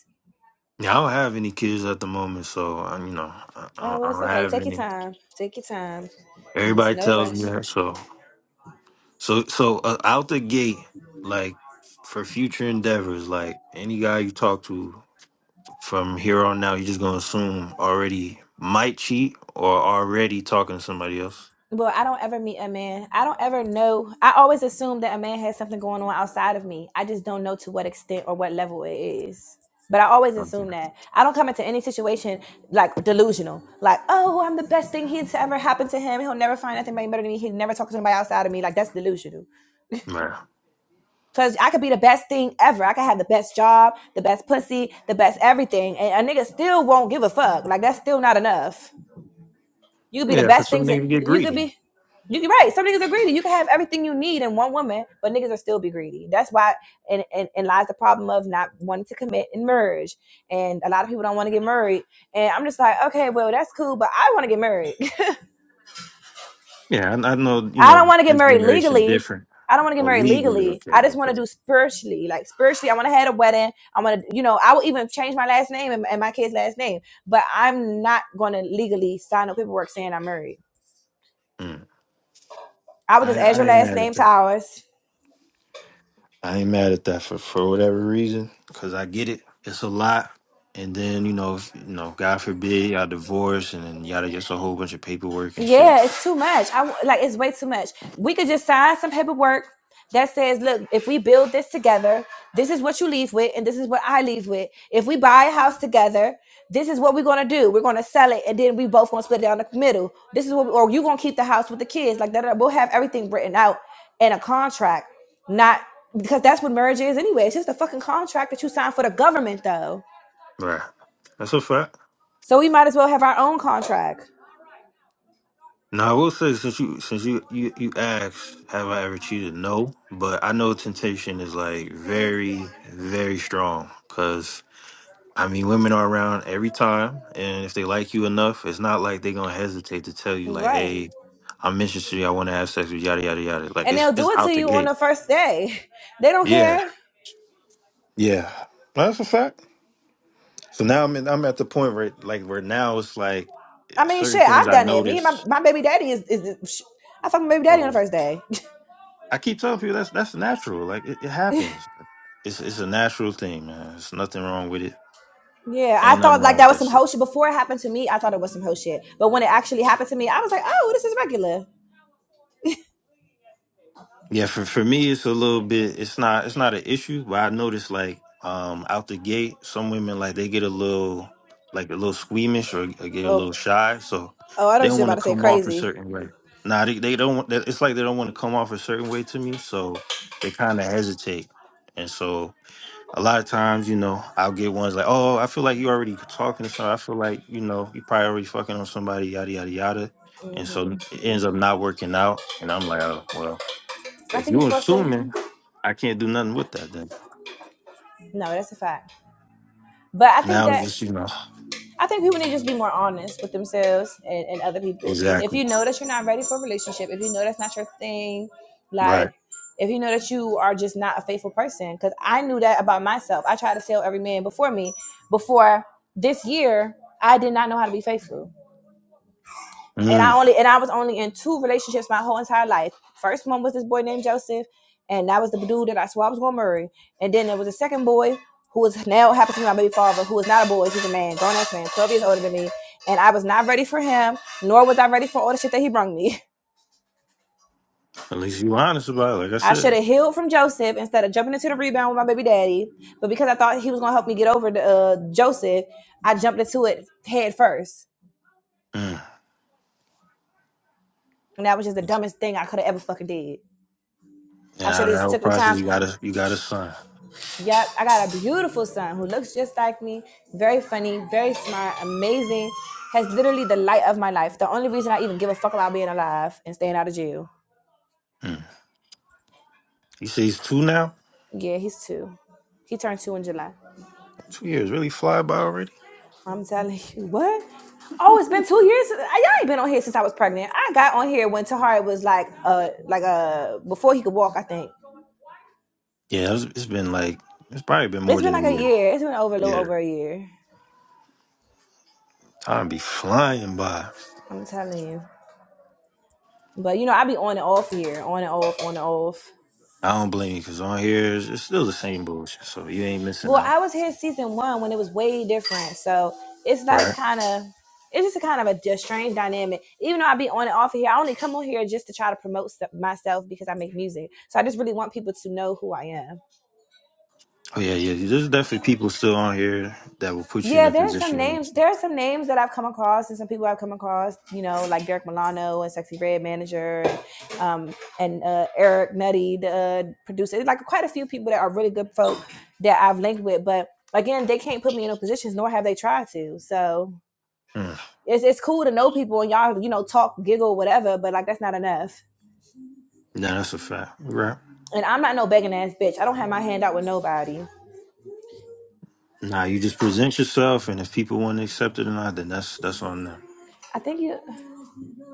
Speaker 4: Yeah, I don't have any kids at the moment, so um, you know, I, I
Speaker 1: Oh,
Speaker 4: don't
Speaker 1: well,
Speaker 4: I
Speaker 1: it's
Speaker 4: don't
Speaker 1: okay.
Speaker 4: have
Speaker 1: Take your
Speaker 4: any.
Speaker 1: time. Take your time. There's
Speaker 4: Everybody
Speaker 1: no
Speaker 4: tells
Speaker 1: rush.
Speaker 4: me that, so So so uh, out the gate, like for future endeavors, like any guy you talk to from here on out, you're just gonna assume already might cheat or already talking to somebody else.
Speaker 1: Well, I don't ever meet a man. I don't ever know. I always assume that a man has something going on outside of me. I just don't know to what extent or what level it is. But I always
Speaker 4: Okay.
Speaker 1: assume that. I don't come into any situation like delusional. Like, oh, I'm the best thing he's ever happened to him. He'll never find nothing better than me. He'll never talk to anybody outside of me. Like, that's delusional.
Speaker 4: Yeah.
Speaker 1: Because I could be the best thing ever. I could have the best job, the best pussy, the best everything. And a nigga still won't give a fuck. Like, that's still not enough. You could be the
Speaker 4: Yeah, for
Speaker 1: best
Speaker 4: some
Speaker 1: things. that-
Speaker 4: nigga to get
Speaker 1: You could
Speaker 4: greedy.
Speaker 1: be. You can right. Some niggas are greedy. You can have everything you need in one woman, but niggas will still be greedy. That's why, and, and and lies the problem of not wanting to commit and merge. And a lot of people don't want to get married. And I'm just like, okay, well that's cool, but I want to get married. (laughs)
Speaker 4: Yeah, I, I know. You
Speaker 1: I don't
Speaker 4: know,
Speaker 1: want to get
Speaker 4: this
Speaker 1: married
Speaker 4: generation
Speaker 1: legally.
Speaker 4: different.
Speaker 1: I don't want to get
Speaker 4: Oh,
Speaker 1: married
Speaker 4: legally,
Speaker 1: legally.
Speaker 4: okay,
Speaker 1: I just want to
Speaker 4: okay.
Speaker 1: do spiritually. Like spiritually, I want to have a wedding. I want to, you know, I will even change my last name and, and my kid's last name. But I'm not going to legally sign no paperwork saying I'm married.
Speaker 4: Mm.
Speaker 1: I would just
Speaker 4: I
Speaker 1: add your
Speaker 4: I ain't
Speaker 1: last
Speaker 4: mad at
Speaker 1: name to
Speaker 4: that.
Speaker 1: ours.
Speaker 4: I ain't mad at that for, for whatever reason, cause I get it. It's a lot, and then you know, if, you know, God forbid y'all divorce, and then y'all just a whole bunch of paperwork and shit.
Speaker 1: Yeah, it's too much. I w- like it's way too much. We could just sign some paperwork that says, "Look, if we build this together, this is what you leave with, and this is what I leave with. If we buy a house together, this is what we're gonna do. We're gonna sell it, and then we both gonna split it down the middle. This is what, we, or you gonna keep the house with the kids. Like that, we'll have everything written out in a contract, not because that's what marriage is anyway. It's just a fucking contract that you sign for the government, though.
Speaker 4: Right, that's a fact.
Speaker 1: So we might as well have our own contract,
Speaker 4: Now I will say, since you since you you you asked, have I ever cheated? No, but I know temptation is like very very strong, cause I mean, women are around every time, and if they like you enough, it's not like they're gonna hesitate to tell you, like,
Speaker 1: right?
Speaker 4: "Hey, I'm interested. in you, I want to have sex with you, yada yada yada." Like,
Speaker 1: and
Speaker 4: it's
Speaker 1: they'll
Speaker 4: it's
Speaker 1: do it to
Speaker 4: out the
Speaker 1: you on
Speaker 4: gate.
Speaker 1: the first day. They don't
Speaker 4: Yeah,
Speaker 1: care.
Speaker 4: yeah, that's a fact. So now I'm in, I'm at the point where like where now it's like
Speaker 1: I
Speaker 4: eh,
Speaker 1: mean, shit,
Speaker 4: certain things
Speaker 1: I've
Speaker 4: I
Speaker 1: done it. Me and my,
Speaker 4: notice.
Speaker 1: my baby daddy is, is I fucked my baby daddy on the
Speaker 4: Oh,
Speaker 1: first day.
Speaker 4: I keep telling people that's that's natural. Like it, it happens. It's it's a natural thing, man. There's nothing wrong with it.
Speaker 1: (laughs) yeah, I
Speaker 4: Ain't nothing
Speaker 1: thought like
Speaker 4: wrong
Speaker 1: that
Speaker 4: with
Speaker 1: was
Speaker 4: that
Speaker 1: some
Speaker 4: shit.
Speaker 1: hoe shit. Before it happened to me, I thought it was some hoe shit. But when it actually happened to me, I was like, oh, this is regular.
Speaker 4: Yeah, for for me, it's a little bit. It's not. It's not an issue, but I noticed like um out the gate, some women like they get a little like a little squeamish or, or get a
Speaker 1: Oh,
Speaker 4: little shy, so
Speaker 1: oh, I don't know
Speaker 4: they
Speaker 1: what
Speaker 4: don't
Speaker 1: you're
Speaker 4: want
Speaker 1: about
Speaker 4: to
Speaker 1: to say
Speaker 4: come off a
Speaker 1: crazy.
Speaker 4: certain way. Nah, they, they don't. want- It's like they don't want to come off a certain way to me, so they kind of hesitate. And so a lot of times, you know, I'll get ones like, "Oh, I feel like you already talking to somebody. I feel like you know you probably already fucking on somebody, yada yada yada." And so it ends up not working out, and I'm like, "Oh, well."
Speaker 1: I
Speaker 4: If
Speaker 1: think you're
Speaker 4: you
Speaker 1: supposed to.
Speaker 4: assuming, I can't do nothing with that. Then
Speaker 1: No, that's a fact. But I
Speaker 4: for
Speaker 1: think
Speaker 4: now it's
Speaker 1: that
Speaker 4: just you know
Speaker 1: I think people need to just be more honest with themselves and, and other people. If
Speaker 4: exactly
Speaker 1: you know that you're not ready for a relationship, if you know that's not your thing, like
Speaker 4: right.
Speaker 1: if you know that you are just not a faithful person, because I knew that about myself. I tried to tell every man before me, before this year, I did not know how to be faithful and I
Speaker 4: Mm.
Speaker 1: only and I was only in two relationships my whole entire life. First one was this boy named Joseph, and that was the dude that I swore I was gonna marry. And then there was a second boy who is now happens to be my baby father, who is not a boy, he's a man, grown ass man, twelve years older than me. And I was not ready for him, nor was I ready for all the shit that he brung me. (laughs)
Speaker 4: At least you honest about it. Like I
Speaker 1: I should
Speaker 4: said,
Speaker 1: have healed from Joseph instead of jumping into the rebound with my baby daddy. But because I thought he was gonna help me get over the uh, Joseph, I jumped into it head first,
Speaker 4: mm.
Speaker 1: and that was just the
Speaker 4: and
Speaker 1: dumbest thing I could have ever fucking did. I should
Speaker 4: out of
Speaker 1: have
Speaker 4: that
Speaker 1: just
Speaker 4: whole
Speaker 1: took the
Speaker 4: process,
Speaker 1: time.
Speaker 4: you got a you got a son.
Speaker 1: Yep, I got a beautiful son who looks just like me, very funny, very smart, amazing, has literally the light of my life. The only reason I even give a fuck about being alive and staying out of jail.
Speaker 4: Mm. You say he's two now.
Speaker 1: Yeah, he's two. He turned two in July.
Speaker 4: Two years really fly by already.
Speaker 1: I'm telling you, what? Oh, it's been two years. since- I- Y'all ain't been on here since I was pregnant. I got on here when Tahari was like, uh, like uh, before he could walk. I think
Speaker 4: Yeah, it's, it's been like it's probably been more
Speaker 1: it's been
Speaker 4: than
Speaker 1: like
Speaker 4: a
Speaker 1: a
Speaker 4: year.
Speaker 1: year. It's been over a little
Speaker 4: Yeah,
Speaker 1: over a year.
Speaker 4: time be flying by.
Speaker 1: I'm telling you. But you know, I be on and off here, on and off, on and off.
Speaker 4: I don't blame you because on here it's, it's still the same bullshit. So you ain't missing
Speaker 1: Well,
Speaker 4: out.
Speaker 1: I was here season one when it was way different. So it's like
Speaker 4: Right.
Speaker 1: kind of, it's just a kind of a, d- strange dynamic. Even though I be on and off of here, I only come on here just to try to promote stuff myself because I make music. So I just really want people to know who I am.
Speaker 4: Oh yeah, yeah. There's definitely people still on here that will put you in
Speaker 1: Yeah,
Speaker 4: a
Speaker 1: there are some
Speaker 4: position you need
Speaker 1: names.
Speaker 4: to.
Speaker 1: There are some names that I've come across and some people I've come across. You know, like Derek Milano and Sexy Red manager, and, um, and uh, Eric Nutty, the uh, producer. Like quite a few people that are really good folk that I've linked with, but. Again, they can't put me in no positions, nor have they tried to. So
Speaker 4: Mm.
Speaker 1: it's it's cool to know people and y'all, you know, talk, giggle, whatever, but like that's not enough.
Speaker 4: Nah, that's a fact. Right.
Speaker 1: And I'm not no begging ass bitch. I don't have my hand out with nobody.
Speaker 4: Nah, you just present yourself, and if people want to accept it or not, then that's that's on them.
Speaker 1: I think you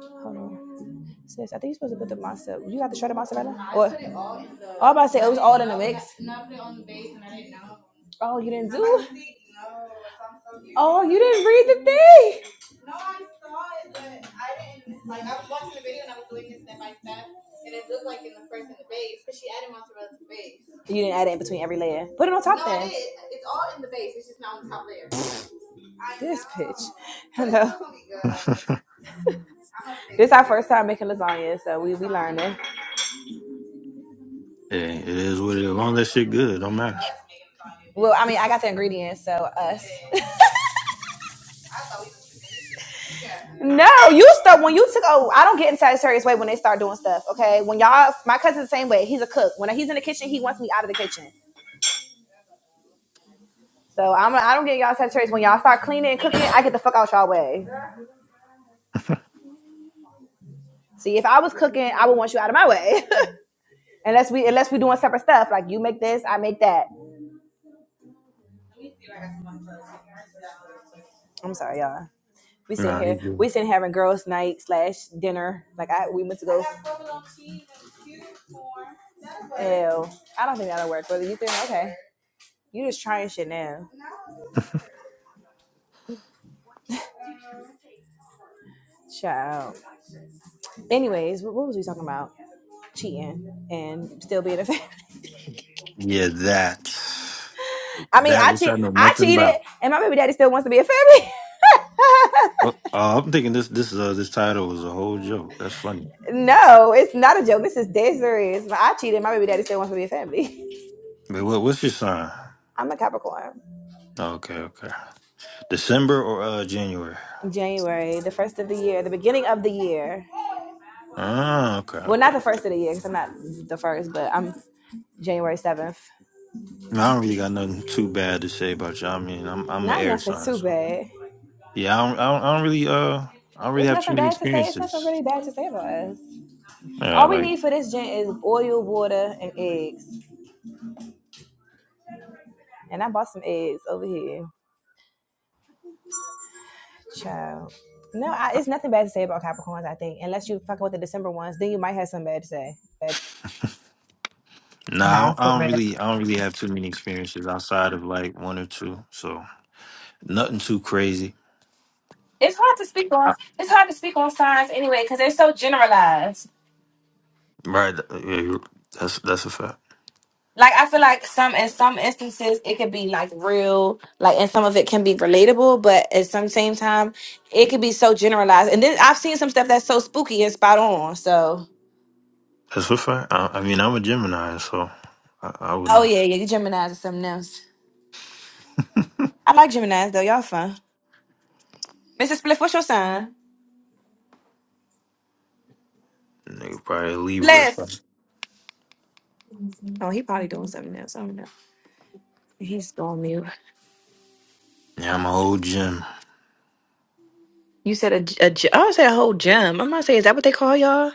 Speaker 1: hold on. Sis, I think you're supposed to put the mozzarella. You got the shredded mozzarella? Or all about to say it was all in the mix. Oh, you didn't do? Oh, you didn't read the thing. You didn't add it in between every layer. Put it on top then. it's it's all in the base It's just not on the top layer. This bitch. Hello.
Speaker 4: (laughs)
Speaker 1: This is our first time making lasagna, so we we learning.
Speaker 4: Yeah, it is what it is. As long as that shit good, it don't matter.
Speaker 1: Well, I mean, I got the ingredients, so us. (laughs) no, you start when you took. Oh, I don't get in Sagittarius way when they start doing stuff. Okay, when y'all, my cousin's the same way. He's a cook. When he's in the kitchen, he wants me out of the kitchen. So I'm. I don't get y'all Sagittarius when y'all start cleaning and cooking. I get the fuck out y'all way. See, if I was cooking, I would want you out of my way. (laughs) unless we, unless we doing separate stuff. Like you make this, I make that. I'm sorry, y'all. We sitting
Speaker 4: Nah, you
Speaker 1: here, we
Speaker 4: good.
Speaker 1: sitting having girls' night slash dinner. Like I, we went to go. Ew, I don't think that'll work. But you think okay, you just trying shit now, child. Anyways, what was we talking about? Cheating and still being a family.
Speaker 4: Yeah, that
Speaker 1: (laughs) I mean,
Speaker 4: that
Speaker 1: I
Speaker 4: which
Speaker 1: cheat,
Speaker 4: I know
Speaker 1: I
Speaker 4: nothing
Speaker 1: cheated,
Speaker 4: about.
Speaker 1: and my baby daddy still wants to be a family.
Speaker 4: Oh, oh, I'm thinking this this uh this title was a whole joke. That's funny.
Speaker 1: (laughs) no, it's not a joke. This is dead serious. I cheated. My baby daddy still wants to be a family. (laughs)
Speaker 4: Wait, what what's your sign?
Speaker 1: I'm a Capricorn.
Speaker 4: Oh, okay, okay. December or uh January?
Speaker 1: January, the first of the year, the beginning of the year.
Speaker 4: Ah, okay,
Speaker 1: Well, not
Speaker 4: okay.
Speaker 1: the first of the year because I'm not the first, but I'm January 7th.
Speaker 4: No, I don't really got nothing too bad to say about you. I mean, I'm I'm an
Speaker 1: Not
Speaker 4: air
Speaker 1: nothing
Speaker 4: sign.
Speaker 1: too
Speaker 4: So.
Speaker 1: bad.
Speaker 4: Yeah, I don't, I don't, I don't really, uh, I don't really
Speaker 1: It's
Speaker 4: have too
Speaker 1: nothing
Speaker 4: many
Speaker 1: bad to say. It's nothing really
Speaker 4: experiences.
Speaker 1: bad to say about us.
Speaker 4: Yeah,
Speaker 1: All we
Speaker 4: like,
Speaker 1: need for this gin is oil, water, and eggs. And I bought some eggs over here. Child. No, I, it's nothing bad to say about Capricorns, I think. Unless you fucking with the December ones, then you might have something bad to say. But
Speaker 4: nah, I
Speaker 1: Nah,
Speaker 4: don't,
Speaker 1: for
Speaker 4: I don't
Speaker 1: real.
Speaker 4: really, I don't really have too many experiences outside of like one or two. So nothing too crazy.
Speaker 1: It's hard to speak on.
Speaker 4: I-
Speaker 1: It's hard to speak on signs anyway because they're so generalized.
Speaker 4: Right? th- uh, Yeah, you- that's that's a fact.
Speaker 1: like I feel like some in some instances it could be like real, like and some of it can be relatable, but at some same time it could be so generalized. And then I've seen some stuff that's so spooky and spot on. So
Speaker 4: That's a fact. I, I mean, I'm a Gemini, so I, I would
Speaker 1: oh
Speaker 4: know.
Speaker 1: yeah, yeah, you Gemini's or something else. I like Gemini's though, y'all fun. Mr. Spliff, what's your sign?
Speaker 4: Nigga, probably a Libra or something.
Speaker 1: Spliff. Oh, he probably doing something else. I don't know. He's going mute.
Speaker 4: Yeah, I'm a whole Gem.
Speaker 1: You said a, j- a j- I would say a whole gem. I'm gonna say, is that what they call y'all?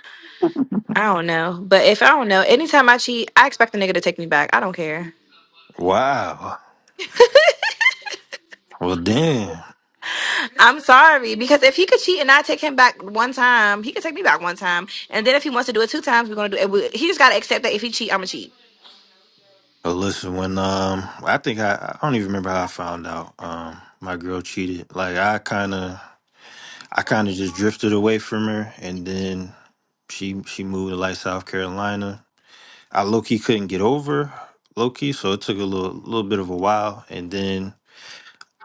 Speaker 1: I don't know. But if I don't know, anytime I cheat, I expect the nigga to take me back. I don't care.
Speaker 4: Wow.
Speaker 1: (laughs)
Speaker 4: Well, damn.
Speaker 1: I'm sorry because if he could cheat and I take him back one time, he could take me back one time, and then if he wants to do it two times, we're gonna do it. We- He just gotta accept that if he cheat, I'm gonna cheat.
Speaker 4: Well, listen, when um, I think I, I don't even remember how I found out. Um, my girl cheated. Like, I kind of. I kind of just drifted away from her, and then she she moved to like South Carolina. I low key couldn't get over low key, so it took a little little bit of a while, and then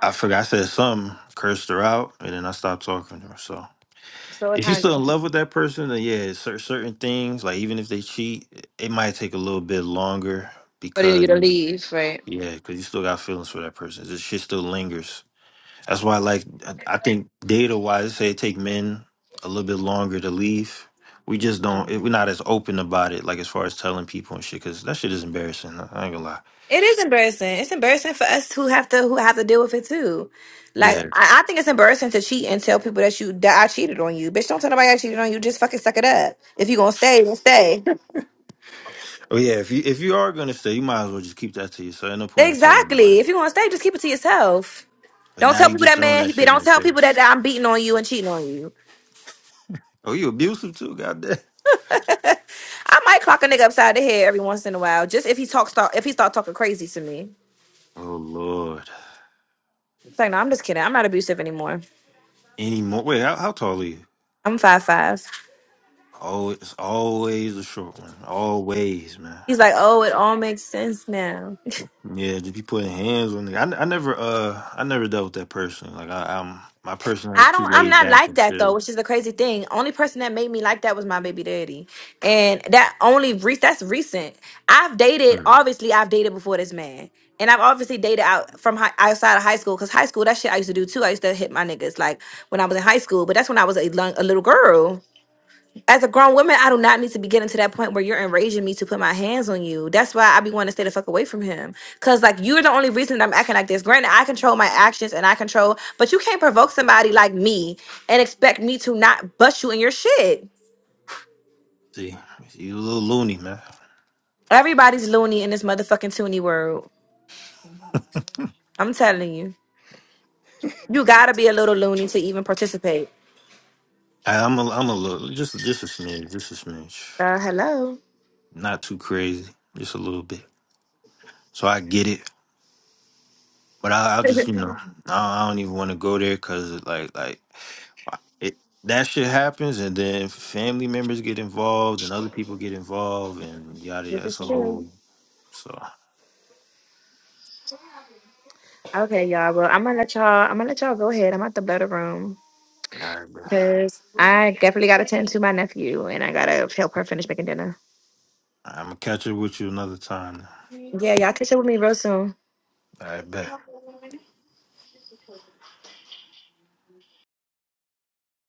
Speaker 4: I forgot I said something, cursed her out, and then I stopped talking to her. So
Speaker 1: So it
Speaker 4: if you're
Speaker 1: kind of
Speaker 4: still in
Speaker 1: just
Speaker 4: love with that person, then yeah, cer- certain things like even if they cheat, it might take a little bit longer
Speaker 1: for you
Speaker 4: because
Speaker 1: to
Speaker 4: you know,
Speaker 1: leave, right?
Speaker 4: yeah, because you still got feelings for that person. This shit still lingers. That's why, like, I I think data wise, say it take men a little bit longer to leave. We just don't. It, We're not as open about it, like as far as telling people and shit, because that shit is embarrassing. I ain't gonna lie.
Speaker 1: It is embarrassing. It's embarrassing for us who have to who have to deal with it too. Like
Speaker 4: Yeah.
Speaker 1: I, I think it's embarrassing to cheat and tell people that you that I cheated on you, bitch. Don't tell nobody I cheated on you. Just fucking suck it up. If you gonna stay, then stay.
Speaker 4: Oh yeah. If you if you are gonna stay, you might as well just keep that to yourself. Ain't no point in telling nobody.
Speaker 1: Exactly. If you gonna stay, just keep it to yourself.
Speaker 4: But
Speaker 1: Don't
Speaker 4: now
Speaker 1: tell
Speaker 4: you
Speaker 1: people
Speaker 4: just
Speaker 1: that
Speaker 4: throwing
Speaker 1: man.
Speaker 4: that shit in
Speaker 1: Don't
Speaker 4: their
Speaker 1: tell people that
Speaker 4: face.
Speaker 1: I'm beating on you and cheating on you.
Speaker 4: Oh, you abusive too? Goddamn. (laughs)
Speaker 1: I might clock a nigga upside the head every once in a while, just if he talks start if he start talking crazy to me.
Speaker 4: Oh lord.
Speaker 1: It's like, no, I'm just kidding. I'm not abusive anymore.
Speaker 4: Any more? Wait, how, how tall are you?
Speaker 1: I'm five five.
Speaker 4: Oh, it's always a short one. Always, man.
Speaker 1: He's like, oh, it all makes sense now. (laughs)
Speaker 4: Yeah, just be putting hands on it. I, I never uh I never dealt with that person. Like I, I'm my person is
Speaker 1: I
Speaker 4: too
Speaker 1: don't. I'm
Speaker 4: laid
Speaker 1: not
Speaker 4: back
Speaker 1: like
Speaker 4: and
Speaker 1: that though,
Speaker 4: shit.
Speaker 1: which is the crazy thing. Only person that made me like that was my baby daddy, and that only re- that's recent. I've dated.
Speaker 4: Hmm.
Speaker 1: Obviously, I've dated before this man, and I've obviously dated out from high, outside of high school because high school that shit I used to do too. I used to hit my niggas like when I was in high school, but that's when I was a, lung- a little girl. as a grown woman, I do not need to be getting to that point where you're enraging me to put my hands on you. That's why I be wanting to stay the fuck away from him. Cause like you're the only reason that I'm acting like this. Granted, I control my actions and I control, but you can't provoke somebody like me and expect me to not bust you in your shit.
Speaker 4: See, you a little loony, man.
Speaker 1: Everybody's loony in this motherfucking toony world. I'm telling you. You gotta be a little loony to even participate.
Speaker 4: I, I'm a I'm a little just just a smidge, just a smidge.
Speaker 1: Uh hello.
Speaker 4: Not too crazy, just a little bit. So I get it, but I, I'll just you know I, I don't even want to go there because like like it that shit happens and then family members get involved and other people get involved and yada
Speaker 1: This
Speaker 4: yada.
Speaker 1: is
Speaker 4: It's a
Speaker 1: true.
Speaker 4: whole so. All
Speaker 1: Okay, y'all. Well, I'm gonna let y'all I'm gonna let y'all go ahead. I'm at the blood room.
Speaker 4: right, bro.
Speaker 1: Because I definitely got to tend to my nephew and I got to help her finish making dinner.
Speaker 4: I'm gonna catch up with you another time.
Speaker 1: Yeah, y'all catch up with me real soon.
Speaker 4: I bet.